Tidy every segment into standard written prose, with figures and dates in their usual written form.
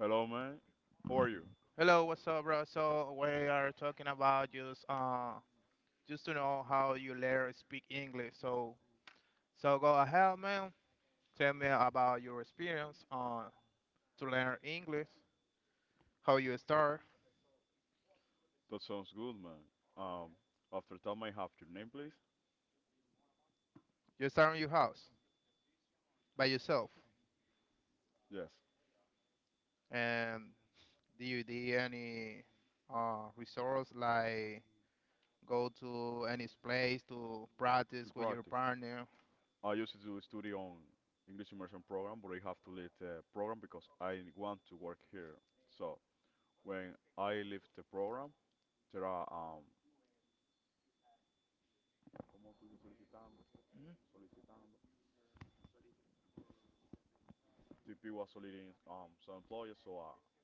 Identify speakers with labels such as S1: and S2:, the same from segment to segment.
S1: Hello, man. How are you?
S2: Hello, what's up, bro? So we are talking about just just to know how you learn speak English. So go ahead, man. Tell me about your experience to learn English. How you start?
S1: That sounds good, man. Um, after that, may I have your name, please?
S2: You start in your house by yourself,
S1: Yes,
S2: and do you do any resource like go to any place to practice
S1: to
S2: with your
S1: practice.
S2: partner?
S1: I used to study on English immersion program, but I have to leave the program because I want to work here. So when I leave the program, there are. ¿Cómo tú solicitando? Solicitando. TP was soliciting some employers, so um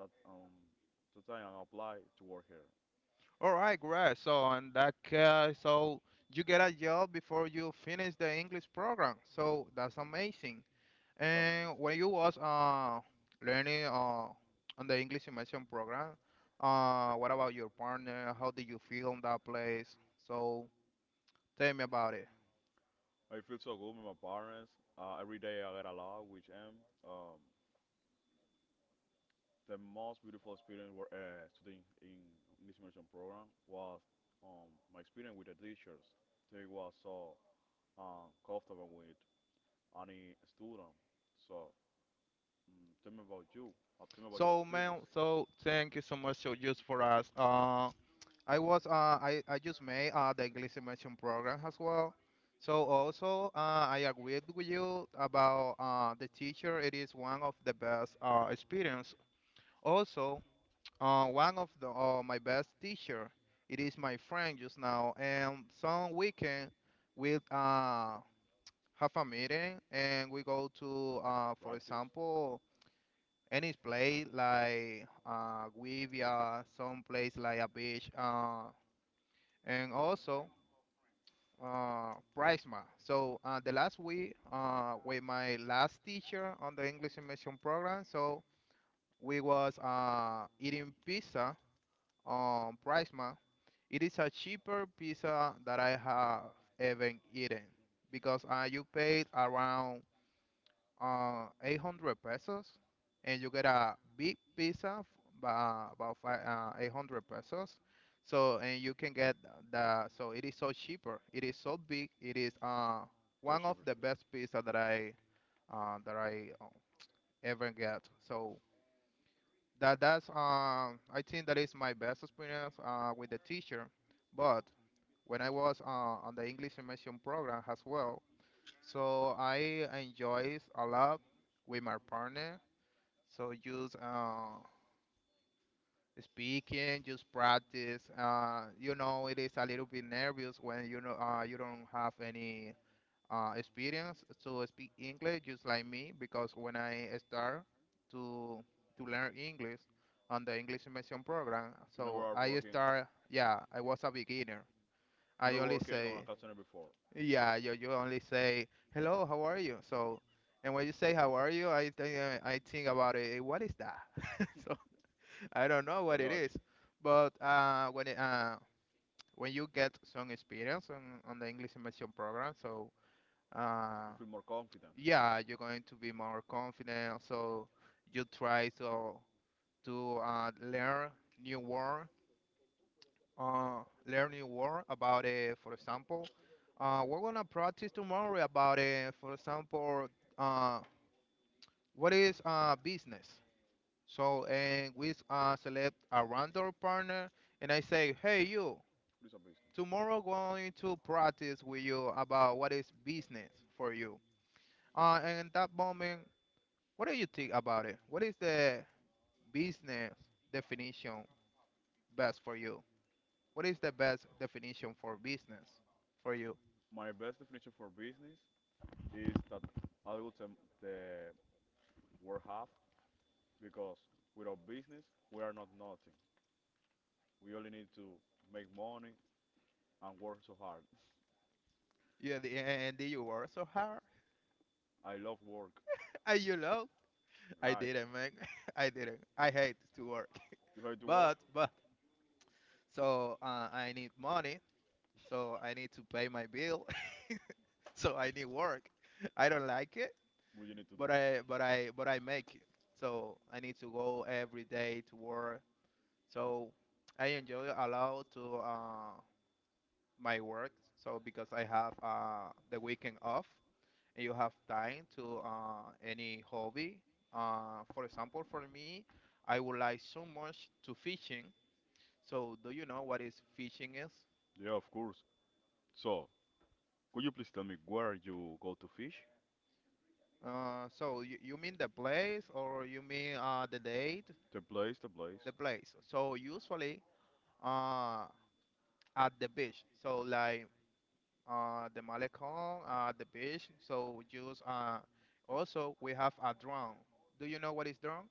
S1: that um that time I apply to work here.
S2: All right, great. So in that case, so you get a job before you finish the English program. So that's amazing.
S1: That's
S2: And when you
S1: amazing.
S2: was learning on the English immersion program, uh, what about your partner? How did you feel in that place? So tell me about it.
S1: I feel so good with my partners. Every day I get along with them. The most beautiful experience were studying in English immersion program was my experience with the teachers. They was so comfortable with any student. So tell me about you. Tell me about your
S2: So
S1: experience.
S2: man, so thank you so much so just for us. I was I just made the English immersion program as well. So also I agree with you about the teacher. It is one of the best experience. Also, one of the my best teacher. It is my friend just now. And some weekend we have a meeting and we go to for
S1: Practice
S2: example any place like we via some place like a beach and also. Prisma. So the last week with my last teacher on the English immersion program, so we was eating pizza on Prisma. It is a cheaper pizza that I have ever eaten because you paid around 800 pesos, and you get a big about five, 800 pesos. So, and you can get so it is so cheaper. It is so big. It is
S1: to
S2: one
S1: achieve
S2: of
S1: your
S2: the
S1: skill.
S2: best pizza that I ever get. So that that's I think that is my best experience with the teacher. But when I was on the English immersion program as well, so I enjoy a lot with my partner so just speaking, just practice. You know, it is a little bit nervous when you know you don't have any experience to speak English, just like me, because when I start to to learn English on the English immersion program,
S1: You never
S2: so
S1: are
S2: I
S1: working.
S2: start. Yeah, I was a beginner. I
S1: You're
S2: only
S1: working on a
S2: say
S1: customer before.
S2: yeah. You only say hello, how are you? So. And when you say how are you, I think about it. "Eh, what is that? I don't know
S1: I
S2: what it
S1: got you.
S2: is, but when you get some experience on the English immersion program, so uh,
S1: You feel more confident.
S2: yeah, you're going to be more confident. So you try to to uh, learn new word, uh, learn new word about it. For example, we're gonna practice tomorrow about it. For example, uh, what is business? So and we select a random partner, and I say, hey you.
S1: What is a business?
S2: Tomorrow going to practice with you about what is business for you. And in that moment, what do you think about it? What is the business definition best for you? What is the best definition for business for you?
S1: My best definition for business is that adults the world have because without business we are not nothing. We only need to make money and work so hard.
S2: Yeah, and you work so hard.
S1: I love work.
S2: Are you love? I
S1: Right.
S2: didn't, man. I didn't. I hate to work.
S1: You have to work.
S2: But so I need money. So I need to pay my bill. So I need work. I don't like it
S1: What you need to do?
S2: but I make it. So I need to go every day to work. So I enjoy a lot to my work. So because I have the weekend off, and you have time to any hobby. For example, for me, I would like so much to fishing. So do you know what is fishing is?
S1: Yeah, of course. So, could you please tell me where you go to fish?
S2: So you mean the place or you mean the date?
S1: The place, the place.
S2: The place. So usually. Uh, at the beach. So like the malecon at the beach. So just also we have a drone. Do you know what is drone?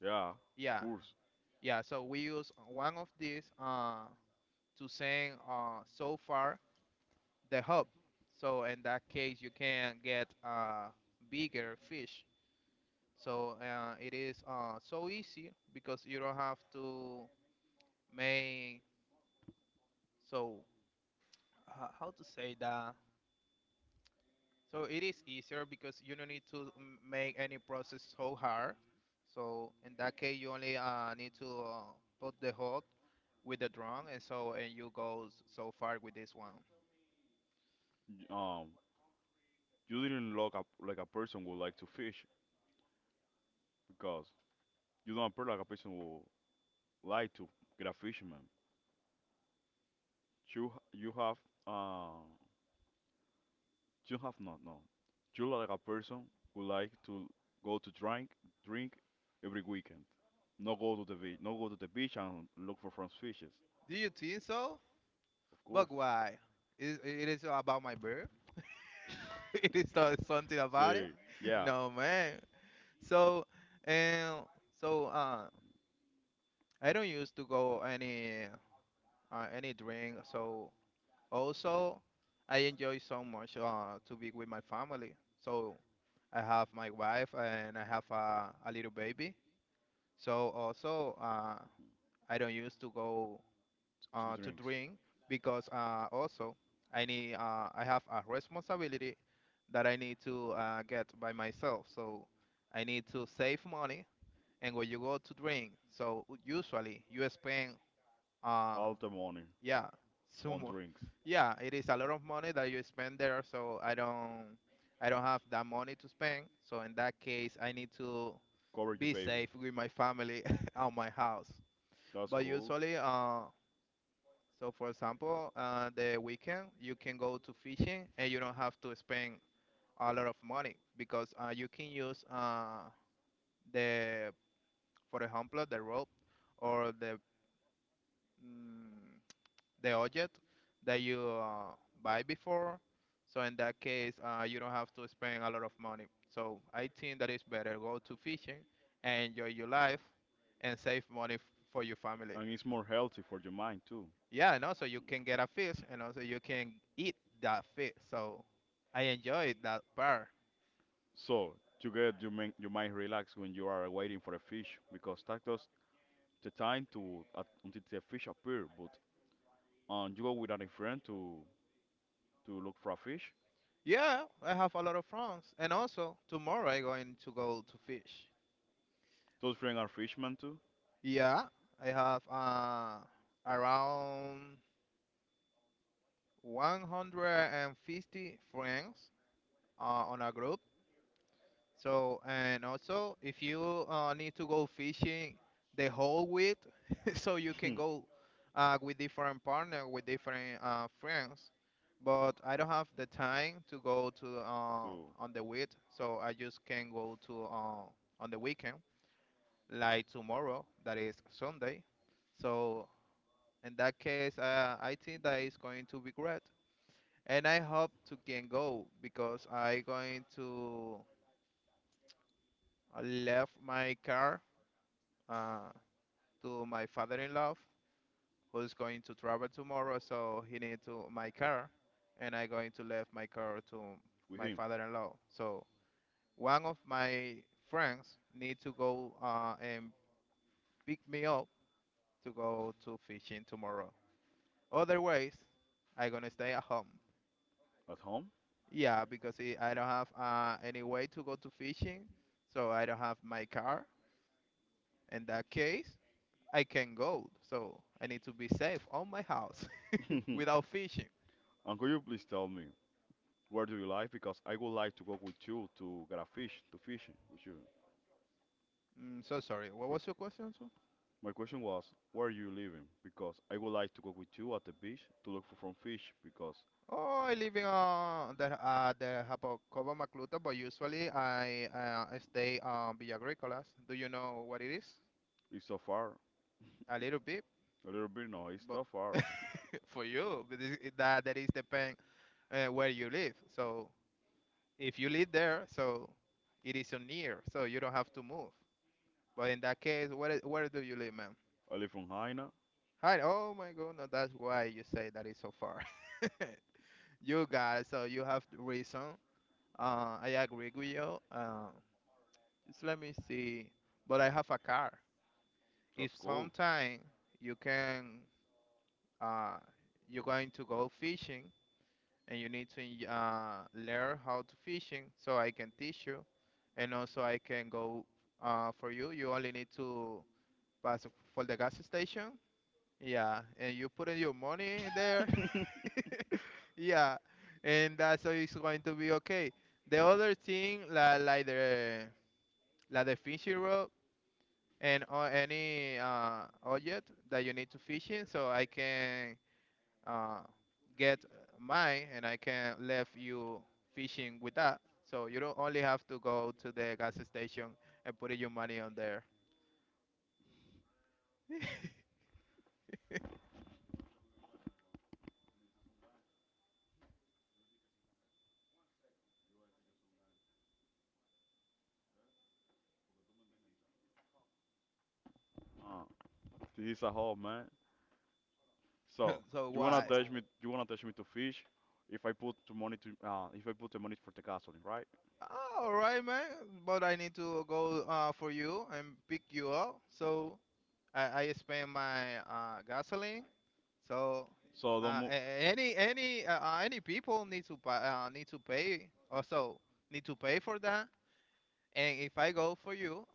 S1: Yeah, of
S2: Yeah,
S1: course.
S2: yeah. So we use one of these to send so far the hub. So in that case, you can get bigger fish. So it is so easy because you don't have to make so how to say that. So it is easier because you don't need to make any process so hard. So in that case, you only need to put the hot with the drum, and so and you go so far with this one.
S1: Y- Um, you didn't look up like a person who like to fish because you don't appear like a person who like to get a fisherman. You have uh you have not no. You like a person who like to go to drink every weekend. No go to the beach, no go to the beach and look for French fishes,
S2: Do you think so?
S1: of course.
S2: But why? Is about my birth? It is not something about
S1: See,
S2: it?
S1: yeah,
S2: No man. So and so I don't used to go any drink so. Also, I enjoy so much to be with my family. So I have my wife and I have a little baby. So also, I don't used to go
S1: two
S2: to
S1: drinks,
S2: drink because also I need I have a responsibility that I need to get by myself. So I need to save money. And when you go to drink, so usually you spend uh,
S1: all the money
S2: yeah,
S1: on
S2: sumo.
S1: drinks.
S2: Yeah, it is a lot of money that you spend there, so I don't have that money to spend. So in that case, I need to
S1: Cover your
S2: be
S1: baby.
S2: safe with my family on my house.
S1: That's
S2: But
S1: cool,
S2: usually, so for example, the weekend you can go to fishing and you don't have to spend a lot of money because you can use the, for example, the rope or mm, the object that you buy before. So in that case, you don't have to spend a lot of money. So I think that it's better go to fishing and enjoy your life and save money for your family.
S1: and it's more healthy for your mind too.
S2: Yeah, and also you can get a fish and also you can eat that fish. So I enjoyed that part.
S1: So to get your mind relaxed when you are waiting for a fish, because that does the time to until the fish appear, but and you go without a friend to look for a fish.
S2: Yeah, I have a lot of friends. And also tomorrow I going to go to fish.
S1: Those friends are fishermen too.
S2: Yeah, I have around 150 friends on a group. So, and also if you need to go fishing the whole week, so you can go with different partner, with different friends. But I don't have the time to go to
S1: To
S2: on the week, so I just can go to on the weekend, like tomorrow, that is Sunday. So in that case, I think that is going to be great and I hope to can go because I going to left my car uh, to my father-in-law who's going to travel tomorrow, so he need to my car, and I going to left my car to
S1: with
S2: my
S1: him
S2: father-in-law. So one of my friends need to go and pick me up to go to fishing tomorrow. Otherwise, I gonna stay at home.
S1: at home.
S2: Yeah, because I don't have any way to go to fishing, so I don't have my car. In that case, I can go. So I need to be safe on my house
S1: And
S2: without fishing.
S1: could you please tell me where do you like? Because I would like to go with you to get a fish to fishing with you.
S2: Mm, so sorry. What
S1: Wh-
S2: was your question, sir?
S1: My question was where are you living? Because I would like to go with you at the beach to look for some fish because
S2: Oh, I live in the Jacobo Macluta, but usually I stay on Villa Agrícolas. Do you know what it is?
S1: it's so far.
S2: A little bit,
S1: A little bit no, it's
S2: but
S1: so far.
S2: for you, but that is depend where you live. So if you live there, so it is so near, so you don't have to move. But in that case, where where do you live, man?
S1: I live from Haina.
S2: Hi. Oh my God, no, that's why you say that is so far. You got it. So you have the reason. I agree with you. Just let me see. But I have a car.
S1: That's
S2: If
S1: cool.
S2: sometime you can, uh, you're going to go fishing, and you need to learn how to fishing so I can teach you and also I can go for you. You only need to pass for the gas station. Yeah, and you put in your money there. Yeah, and that's how it's going to be okay. The other thing, like the fishing rod and or any object that you need to fishing, so I can uh, get mine and I can leave you fishing with that. So you don't only have to go to the gas station and put your money on there.
S1: Ah, this is a home, man. So
S2: So
S1: you wanna
S2: why?
S1: touch me? You wanna touch me to fish? If I put the money to if I put the money for the gasoline, right?
S2: All right, man. But I need to go for you and pick you up. So I spend my gasoline. So
S1: So don't move.
S2: any people need to pay also need to pay for that. And if I go for you,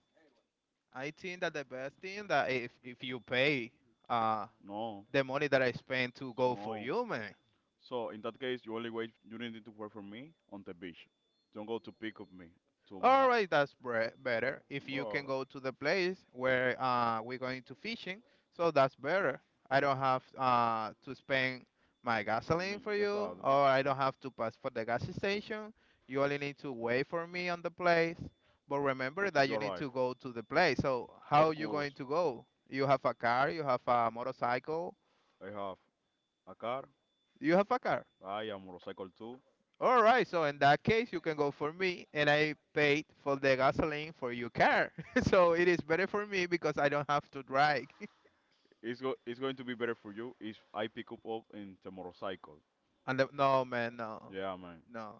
S2: I think that the best thing that if you pay uh
S1: No,
S2: the money that I spent to go for
S1: no.
S2: you, man.
S1: So in that case, you only wait. You need to wait for me on the beach. Don't go to pick up me to my
S2: All
S1: house.
S2: right, that's better. If you can
S1: Well,
S2: go to the place where we're going to fishing, so that's better. I don't have to spend my gasoline for you,
S1: exactly.
S2: or I don't have to pass for the gas station. You only need to wait for me on the place. But remember
S1: Until
S2: that
S1: you
S2: you need
S1: arrive,
S2: to go to the place. So how
S1: of
S2: you
S1: course.
S2: going to go? You have a car, you have a motorcycle,
S1: I have a car.
S2: you have a car.
S1: I am motorcycle too.
S2: All right, so in that case, you can go for me, and I paid for the gasoline for your car. So it is better for me because I don't have to drive.
S1: It's go. It's going to be better for you if I pick up in the motorcycle.
S2: No, man, no,
S1: Yeah, man.
S2: no.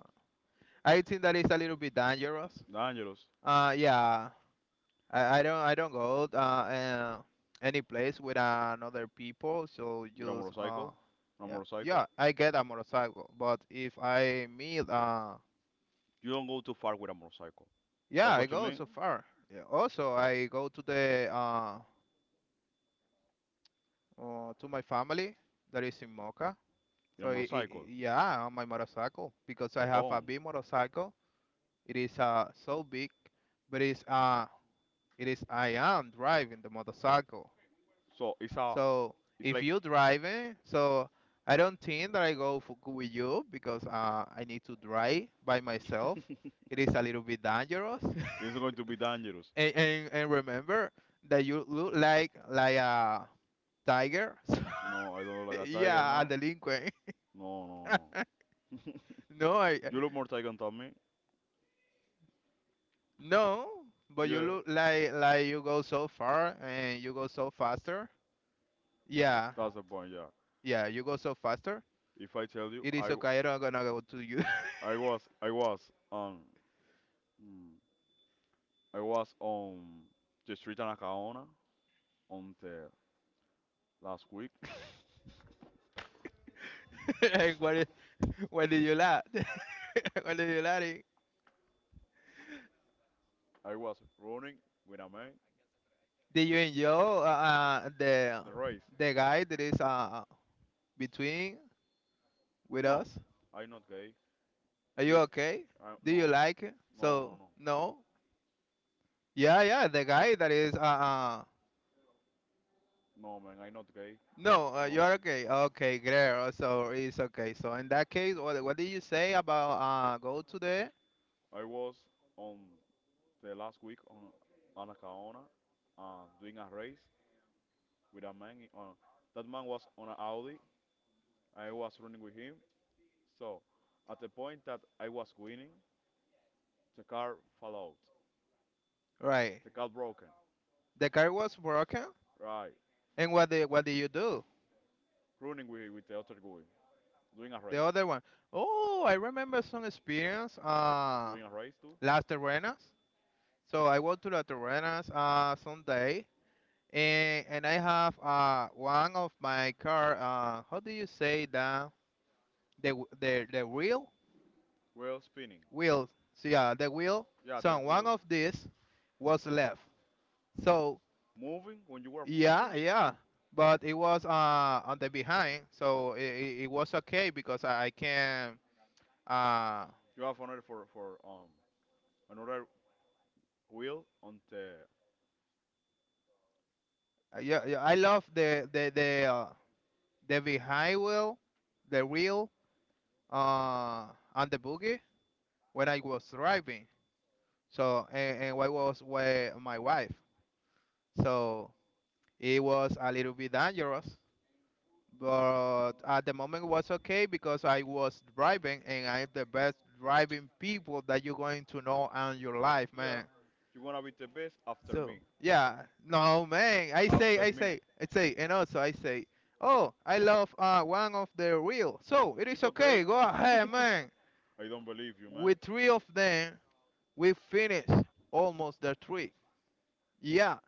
S2: I think that is a little bit dangerous.
S1: Dangerous.
S2: Yeah, I don't go any place with another people. So
S1: With a
S2: just
S1: motorcycle. On a
S2: yeah,
S1: motorcycle.
S2: yeah, I get a motorcycle, but if I meet
S1: You don't go too far with a motorcycle. That's
S2: yeah, I
S1: what you
S2: go
S1: mean?
S2: so
S1: That?
S2: far. Yeah, also I go to the to my family that is in Mocha.
S1: In a
S2: So
S1: motorcycle,
S2: yeah, on my motorcycle because I
S1: the
S2: have a
S1: bone.
S2: big motorcycle. It is so big, but it is I am driving the motorcycle.
S1: So
S2: So
S1: it's
S2: if
S1: like,
S2: you driving, so I don't think that I go for, with you because I need to drive by myself. It is a little bit dangerous.
S1: it's going to be dangerous.
S2: And remember that you look like a tiger.
S1: No, I don't look like a tiger,
S2: Yeah, a
S1: no.
S2: delinquent.
S1: No, no, no.
S2: No, I
S1: You look more tiger than me.
S2: No, but you
S1: Yeah,
S2: look like you go so far and you go so faster. Yeah,
S1: that's the point. Yeah.
S2: yeah, you go so faster.
S1: If I tell you,
S2: It is okay. I'm not gonna go to you.
S1: I was, I was on, mm, I was on the street in Acaona on the last week.
S2: And what is, what did you laugh? What did you laugh? At?
S1: I was running with a man.
S2: Did you enjoy
S1: The race.
S2: the guy that is between with
S1: No,
S2: us?
S1: I'm not gay.
S2: Are you
S1: Listen,
S2: okay? Do you
S1: no,
S2: like it?
S1: no, no,
S2: So
S1: no,
S2: no. Yeah, yeah, the guy that is
S1: no, man, I'm not gay.
S2: No,
S1: No,
S2: you're okay. Okay, great. So it's okay. So in that case, what did you say about go to the
S1: I was on the last week on Anacaona doing a race with a man. That man was on an Audi. I was running with him. So at the point that I was winning, the car fell out.
S2: right?
S1: The car broken.
S2: The car was broken,
S1: Right.
S2: and what did you do?
S1: Running with the other guy. Doing a race.
S2: The other one. Oh, I remember some experience.
S1: Doing a race too.
S2: Las Terrenas. So I went to Las Terrenas someday, and I have one of my car. How do you say that? The the wheel
S1: Wheel spinning.
S2: wheel. So yeah, the wheel.
S1: Yeah,
S2: So
S1: there's
S2: one
S1: wheel.
S2: of these was left. So
S1: Moving when you were
S2: yeah,
S1: moving.
S2: yeah, but it was on the behind, so it was okay because I can uh
S1: You have another for another wheel on the.
S2: yeah, yeah I love the the behind wheel, the wheel uh on the boogie when I was driving. So and I was with my wife, so it was a little bit dangerous but at the moment was okay because I was driving and I'm the best driving people that you're going to know in your life,
S1: Yeah.
S2: man.
S1: You wanna be the best after me.
S2: So yeah, no man,
S1: After me.
S2: I say, and also I say, oh, I love one of the real. So it is
S1: It's okay.
S2: okay, go ahead, man.
S1: I don't believe you, man.
S2: With three of them, we finish almost the three. Yeah,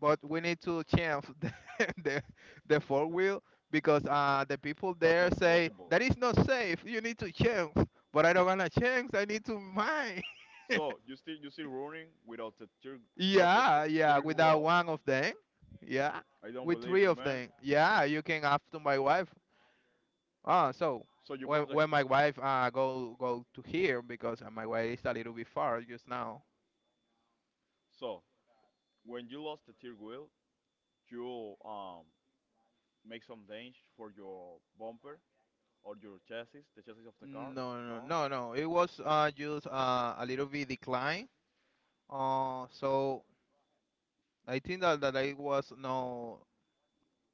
S2: but we need to change the, the four-wheel because the people
S1: That's
S2: there
S1: not
S2: say
S1: possible.
S2: that is not safe. You need to change. But I don't wanna change. I need to mine.
S1: So you still running without the cheer, without the
S2: Yeah, yeah.
S1: cheer
S2: Without
S1: well.
S2: one of them, yeah.
S1: I don't
S2: With
S1: believe
S2: three
S1: you,
S2: of
S1: man.
S2: them, yeah. You can have to my wife. Ah, so
S1: So you brought the
S2: when my wife go go to here because my wife is a little bit far just now.
S1: so when you lost the third wheel, you make some damage for your bumper or your chassis, the chassis of the car.
S2: No, no,
S1: No.
S2: no, No. It was just a little bit decline. So I think that it was no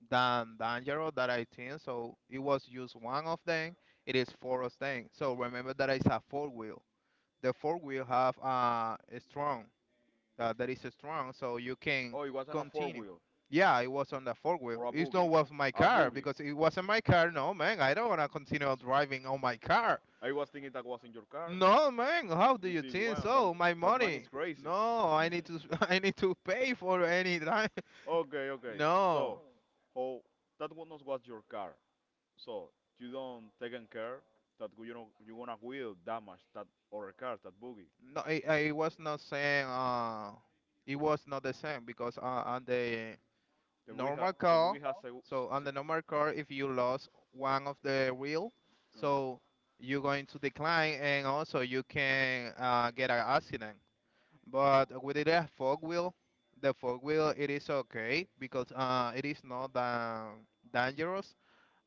S2: than dangerous that I think so it was just one of them. It is four of them. So remember that it's a four wheel. The four-wheel have a strong that is strong so you can
S1: Oh, it wasn't a four
S2: continue.
S1: wheel
S2: Yeah, it was on the four wheel.
S1: or a
S2: It's
S1: boogie.
S2: not was my
S1: A
S2: car
S1: boogie.
S2: because it wasn't my car. No man, I don't wanna continue driving on my car.
S1: I was thinking that was in your car.
S2: No man, how do
S1: You
S2: you
S1: see,
S2: think
S1: wow, that,
S2: so? My
S1: that man is
S2: money.
S1: crazy.
S2: No, I, need to I need to pay for any time.
S1: Okay, okay. So,
S2: No.
S1: how that one was your car. So you don't taking care that you know you wanna wheel damage that other car, that boogie.
S2: No, I was not saying it was not the same because on the
S1: The boogie,
S2: normal
S1: the
S2: car,
S1: boogie has
S2: so on the normal car, if you lost one of the wheel,
S1: uh,
S2: so you're going to decline and also you can get an accident. But with the fork wheel it is okay because it is not that dangerous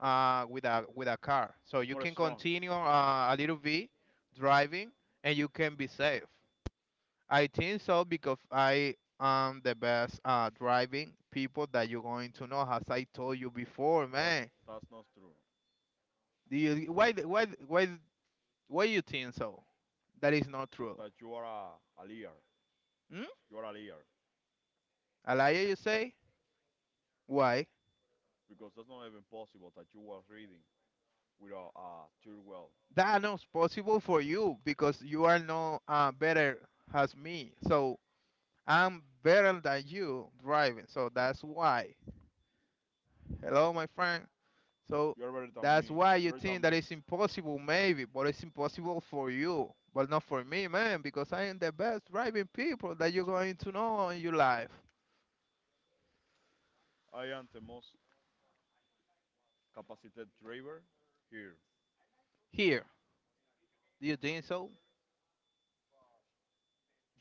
S2: with a car, so
S1: it's
S2: you
S1: more
S2: can
S1: strong.
S2: continue a little bit driving and you can be safe. I think so because I am the best driving people that you're going to know, as I told you before,
S1: That's
S2: man.
S1: that's not true.
S2: Do you why you think so? That is not true.
S1: That you are a liar.
S2: Hmm?
S1: You are a liar
S2: A liar, you say? Why?
S1: because that's not even possible that you were reading without a third well.
S2: That not possible for you because you are no better as me. So I'm better than you driving. So that's why. Hello, my friend. So
S1: You are better than
S2: that's
S1: me.
S2: why
S1: You
S2: you
S1: are better than
S2: think that
S1: me.
S2: it's impossible, maybe, but it's impossible for you, but not for me, man, because I am the best driving people that you're going to know in your life.
S1: I am the most capacitated driver here.
S2: Here, do you think so?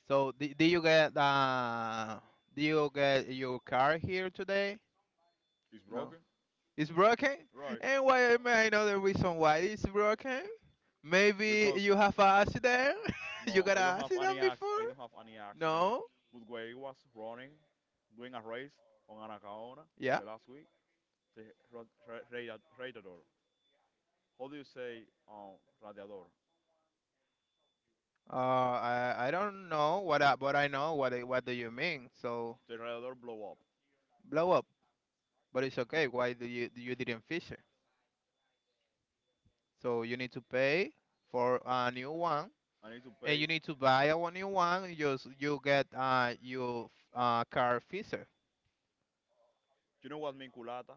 S2: So, did you get your car here today?
S1: It's
S2: No,
S1: broken,
S2: it's broken.
S1: right?
S2: And why may I know the reason why it's broken? Maybe
S1: Because
S2: you have an accident. You
S1: no,
S2: got
S1: I don't
S2: an
S1: have any
S2: accident
S1: ac- I
S2: before?
S1: don't have any accident.
S2: No.
S1: But when I was running, doing a race on Anacaona
S2: Yeah?
S1: the last week, the ra- ra- radiator. How do you say radiator?
S2: I don't know what I, but I know what what do you mean. So
S1: The radiator blow up.
S2: blow up, but it's okay. Why do you you didn't fish it? So you need to pay for a new one,
S1: I need to
S2: and you
S1: pay.
S2: need to buy a one new one. You get you car fisher.
S1: You know what mean culata?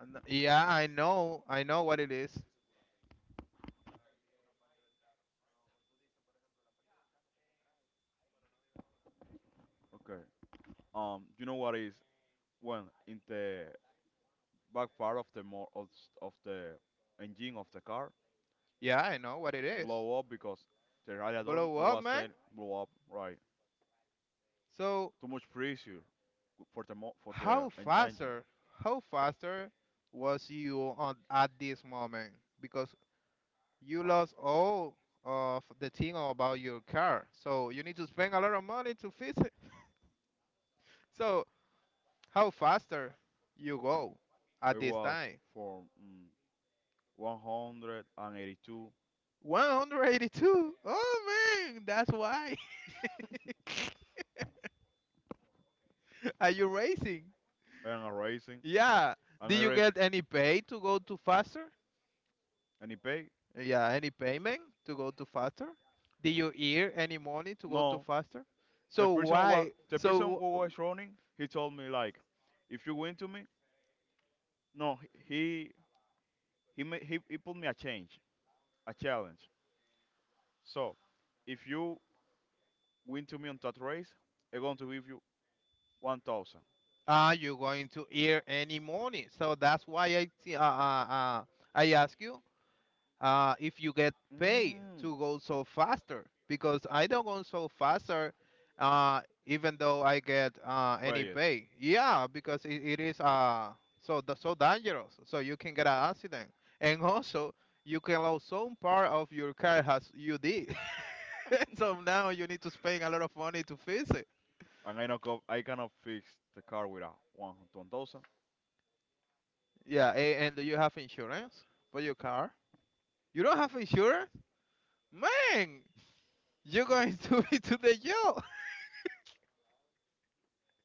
S2: And Yeah, I know what it is.
S1: Okay. You know what is when in the back part of the engine of the car
S2: Yeah, I know what it is.
S1: blow up because the radiator
S2: Blow up,
S1: was
S2: man.
S1: saying blow up, right?
S2: So
S1: Too much pressure for the mo for the
S2: how
S1: en- engine.
S2: faster how faster was you on at this moment? Because you lost all of the thing about your car. So you need to spend a lot of money to fix it. So how faster you go at
S1: It
S2: this
S1: was
S2: time?
S1: for 182
S2: 182. Oh man, that's why. Are you racing?
S1: and a racing
S2: Yeah.
S1: and
S2: Did
S1: a
S2: you
S1: race
S2: get any pay to go to faster?
S1: and he paid.
S2: Yeah, any payment to go to faster? Did you earn any money to go to
S1: No,
S2: faster? So why?
S1: the person
S2: So
S1: who was running. He told me like, if you win to me, no, he he, ma- he put me a challenge. So, if you win to me on that race, I'm going to give you 1,000.
S2: you're going to hear any morning. So that's why I ask you if you get paid
S1: Mm.
S2: to go so faster because I don't go so faster uh, even though I get any
S1: Pay it,
S2: pay. Yeah, because it is so so dangerous. So you can get an accident and also you can lose some part of your car as you did. So now you need to spend a lot of money to fix it.
S1: and I know I cannot fix the car with a one thousand.
S2: Yeah, and do you have insurance for your car? You don't have insurance? Man, you're going to be to the jail.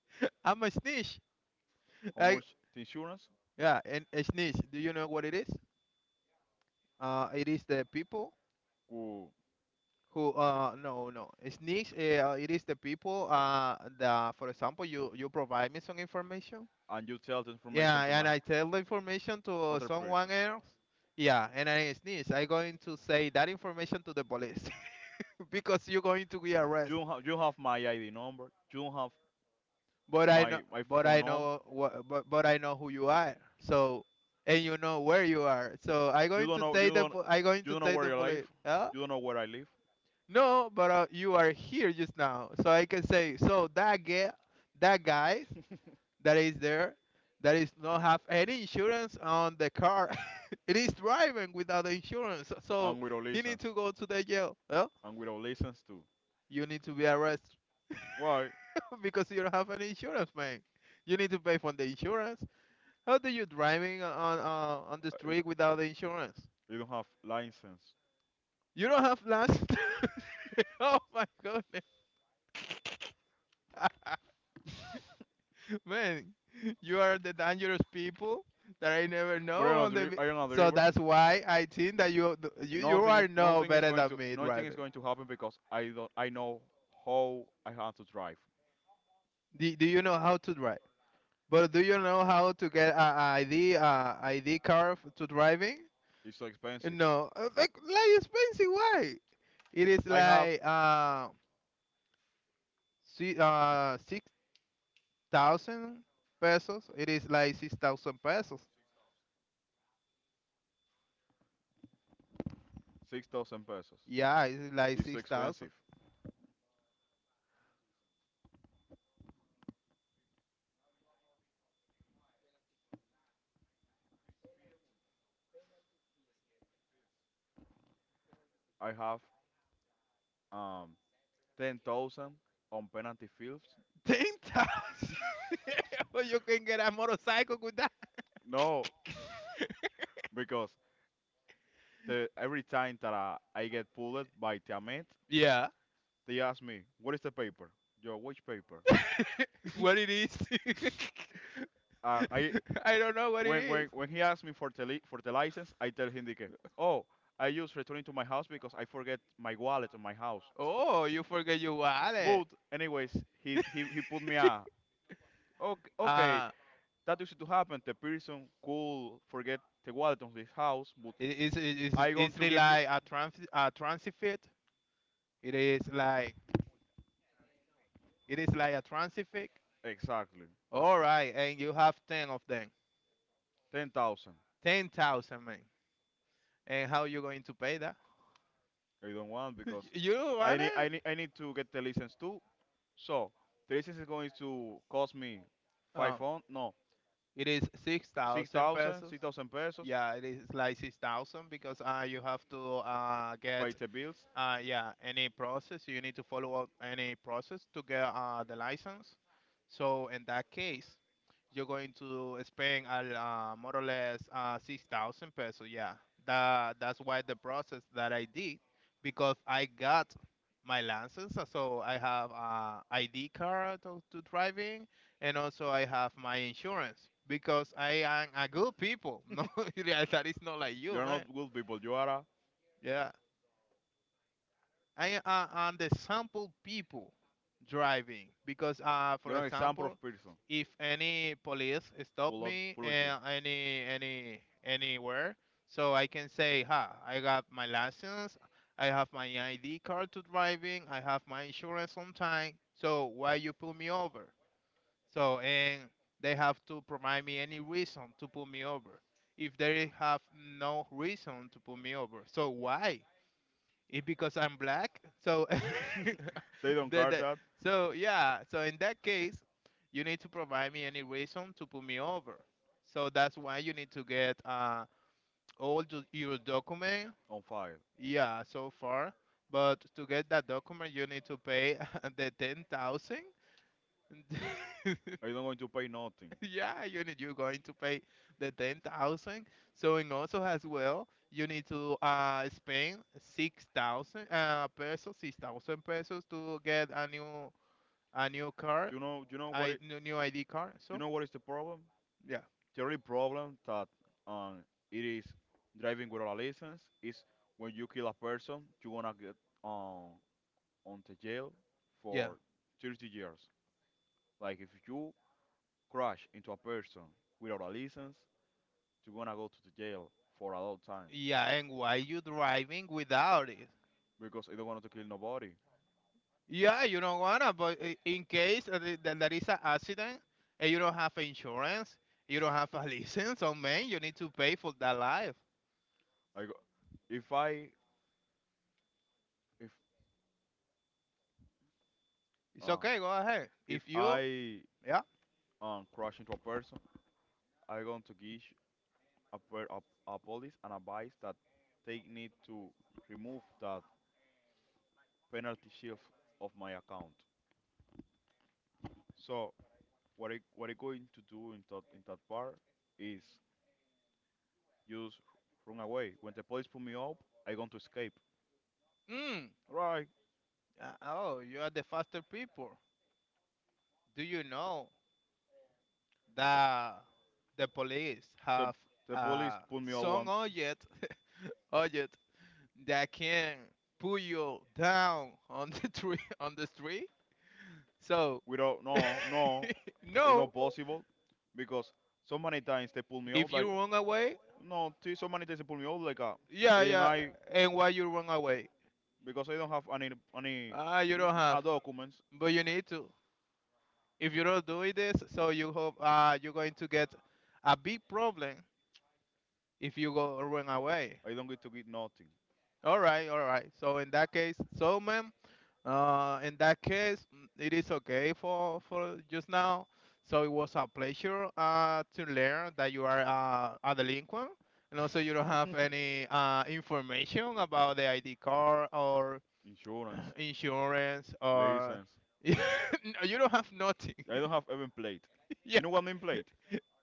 S2: I'm a snitch.
S1: How
S2: I,
S1: much the insurance?
S2: yeah, and a snitch. Do you know what it is? It is the people
S1: Cool.
S2: who no no a snitch. It is the people the for example you provide me some information.
S1: And you tell the information
S2: Yeah,
S1: to
S2: and
S1: my
S2: I tell the information to
S1: other person.
S2: someone else. Yeah, and I snitch. I going to say that information to the police because you're going to be
S1: You
S2: arrested.
S1: don't have you have my ID number. You don't have
S2: But I
S1: my
S2: know,
S1: my
S2: but
S1: phone
S2: I
S1: number.
S2: know what, but I know who you are. So, and you know where you are. So I
S1: You
S2: going
S1: don't
S2: to
S1: know you
S2: take the,
S1: don't
S2: po- I going
S1: you
S2: to
S1: don't know
S2: take
S1: where
S2: the
S1: you live.
S2: police. Huh?
S1: You don't know where I live.
S2: No, but you are here just now. So I can say, so that guy, that guy that is there, that is not have any insurance on the car. It is driving without the insurance. So so
S1: And with a
S2: he need
S1: license.
S2: to go to the jail. Well,
S1: And without license too.
S2: you need to be arrested
S1: Why?
S2: because you don't have any insurance, man. You need to pay for the insurance. How do you driving on the
S1: I-
S2: street without the insurance?
S1: You don't have license.
S2: You don't have license. Oh my goodness, man! You are the dangerous people that I never
S1: But
S2: know on the. vi-
S1: I don't know the
S2: So
S1: driver.
S2: that's why I think that you
S1: Nothing is
S2: are no
S1: nothing is
S2: better
S1: going
S2: than
S1: to
S2: me
S1: nothing is
S2: driving.
S1: going to happen because I don't I know how I have to drive.
S2: Do you know how to drive? But do you know how to get a ID card to driving?
S1: It's so expensive.
S2: No, like expensive. Why? It is
S1: I have
S2: like 6,000 pesos. It is like 6,000 pesos.
S1: 6,000 pesos.
S2: Yeah, it's like
S1: It's so
S2: 6,000.
S1: expensive. I have um 10,000 on penalty fields.
S2: 10,000. Well, you can get a motorcycle with that.
S1: No, because the every time that I get pulled by Tiamat,
S2: Yeah.
S1: they asked me, what is the paper? Yo, which paper?
S2: What it is?
S1: And I,
S2: I don't know what it
S1: when,
S2: is.
S1: when, when he asked me for the license, I tell him, que, oh, I just returning to my house because I forget my wallet in my house.
S2: Oh, you forget your
S1: But,
S2: wallet.
S1: anyways, he put me okay, okay,
S2: Uh,
S1: that used to happen. The person could forget the wallet on his house, but
S2: it,
S1: I going
S2: it's
S1: to
S2: really
S1: give you,
S2: like a transit fit. It is like it is like a transit fit.
S1: exactly,
S2: All right, and you have ten of them,
S1: 10,000.
S2: 10,000 man. And how you going to pay that?
S1: I don't want because
S2: You
S1: I
S2: want
S1: need, I
S2: it?
S1: need, I need to get the license too. So the license is going to cost me five
S2: Oh,
S1: on no
S2: it is six
S1: six
S2: thousand
S1: thousand
S2: pesos.
S1: six thousand pesos
S2: Yeah, it is like 6,000 because you have to
S1: by
S2: get
S1: the bills.
S2: Yeah, any process, you need to follow up any process to get the license. So in that case, you're going to spend more or less 6,000 pesos. Yeah, that's why the process that I did, because I got my license. So I have ID card to driving, and also I have my insurance because I am a good people. No, that is not like
S1: You
S2: you,
S1: are not
S2: man.
S1: good people. You are a,
S2: Yeah. I and the sample people driving because for
S1: you are an example of
S2: example
S1: person.
S2: if any police stop
S1: Full of
S2: me,
S1: full of
S2: anywhere, so I can say ha, I got my license, I have my ID card to driving, I have my insurance on time, so why you pull me over? So and they have to provide me any reason to pull me over. If they have no reason to pull me over, so why? It because I'm black. So
S1: you. They don't
S2: the,
S1: care
S2: the,
S1: that
S2: so yeah, so in that case, you need to provide me any reason to put me over. So that's why you need to get all the, your document.
S1: on fire.
S2: Yeah, so far. But to get that document, you need to pay the 10,000.
S1: Are you not going to pay nothing?
S2: Yeah, you're going to pay the 10,000. So in also as well, you need to spend 6,000 pesos, 6,000 pesos to get a new car,
S1: You know you know what
S2: I
S1: it
S2: new new ID card.
S1: you
S2: So,
S1: know what is the problem?
S2: yeah.
S1: The only problem that um it is driving without a license is when you kill a person you want to get um on the jail
S2: Yeah.
S1: for 30 years. Like if you crash into a person without a license, you're gonna go to the jail for a long time
S2: Yeah, and why you driving without it?
S1: because I don't want to kill nobody.
S2: Yeah, you don't wanna, but in case that there is an accident and you don't have insurance, you don't have a license, so man, you need to pay for that life.
S1: I go, if I if
S2: It's
S1: uh,
S2: okay, go ahead.
S1: if
S2: If you,
S1: I
S2: yeah.
S1: um crash into a person, I'm going to give a, per, a, a police an advice that they need to remove that penalty shield of my account. So what I going to do in that part is just run away. When the police pull me up, I going to escape.
S2: Mm.
S1: Right.
S2: Oh, you are the faster people. Do you know that the police
S1: The
S2: have
S1: the police
S2: uh,
S1: put me on
S2: some
S1: one.
S2: object, object that can pull you down on the tree on the street? So
S1: We don't. No, no, it's not
S2: no,
S1: possible because so many times they pull me up
S2: if
S1: like.
S2: you run away,
S1: No, see, so many times they pull me up like
S2: yeah,
S1: and
S2: yeah.
S1: I
S2: And why you run away?
S1: because I don't have any any
S2: Ah, you
S1: n-
S2: don't
S1: uh,
S2: have,
S1: documents.
S2: but you need to. If you don't do this, so you hope you're going to get a big problem if you go run away.
S1: I don't get to get nothing.
S2: All right, all right. So in that case, so ma'am, in that case, mm, it is okay for just now. So it was a pleasure to learn that you are a delinquent, and also you don't have any information about the ID card or
S1: Insurance,
S2: insurance or
S1: license.
S2: no, you don't have nothing.
S1: I don't have even plate.
S2: yeah,
S1: You know what mean plate?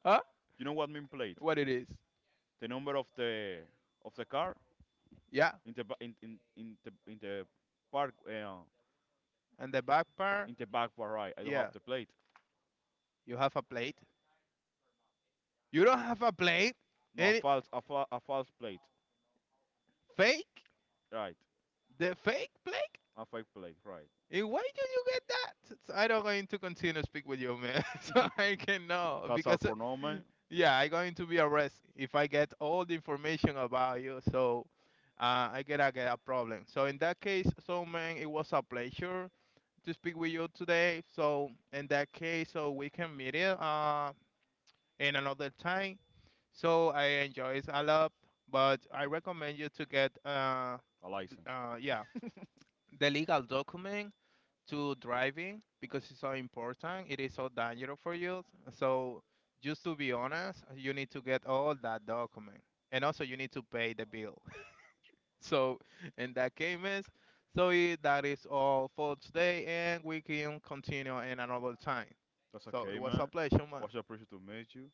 S2: huh?
S1: You know what mean plate?
S2: What it is?
S1: The number of the car
S2: Yeah,
S1: in the ba- in the park,
S2: and the back part.
S1: in the back bar, right? I don't
S2: Yeah,
S1: have the plate.
S2: you have a plate. You don't have a plate.
S1: No, a
S2: Any
S1: false a, fa- a false plate,
S2: fake?
S1: right?
S2: The fake Blake?
S1: A fake plate, right?
S2: And why did you get that? So I don't going to continue to speak with you, man. so I can know
S1: That's all
S2: because,
S1: for Norman.
S2: yeah, I going to be arrested if I get all the information about you. So I get a problem. So in that case, so man, it was a pleasure to speak with you today. So in that case, so we can meet it in another time. So I enjoy it a lot, but I recommend you to get
S1: A license.
S2: yeah, the legal document to driving because it's so important. It is so dangerous for you. So just to be honest, you need to get all that document, and also you need to pay the bill. so in that case, so that is all for today, and we can continue in another time.
S1: That's
S2: So it
S1: okay,
S2: was a
S1: man.
S2: pleasure, man.
S1: Was a pleasure to meet you.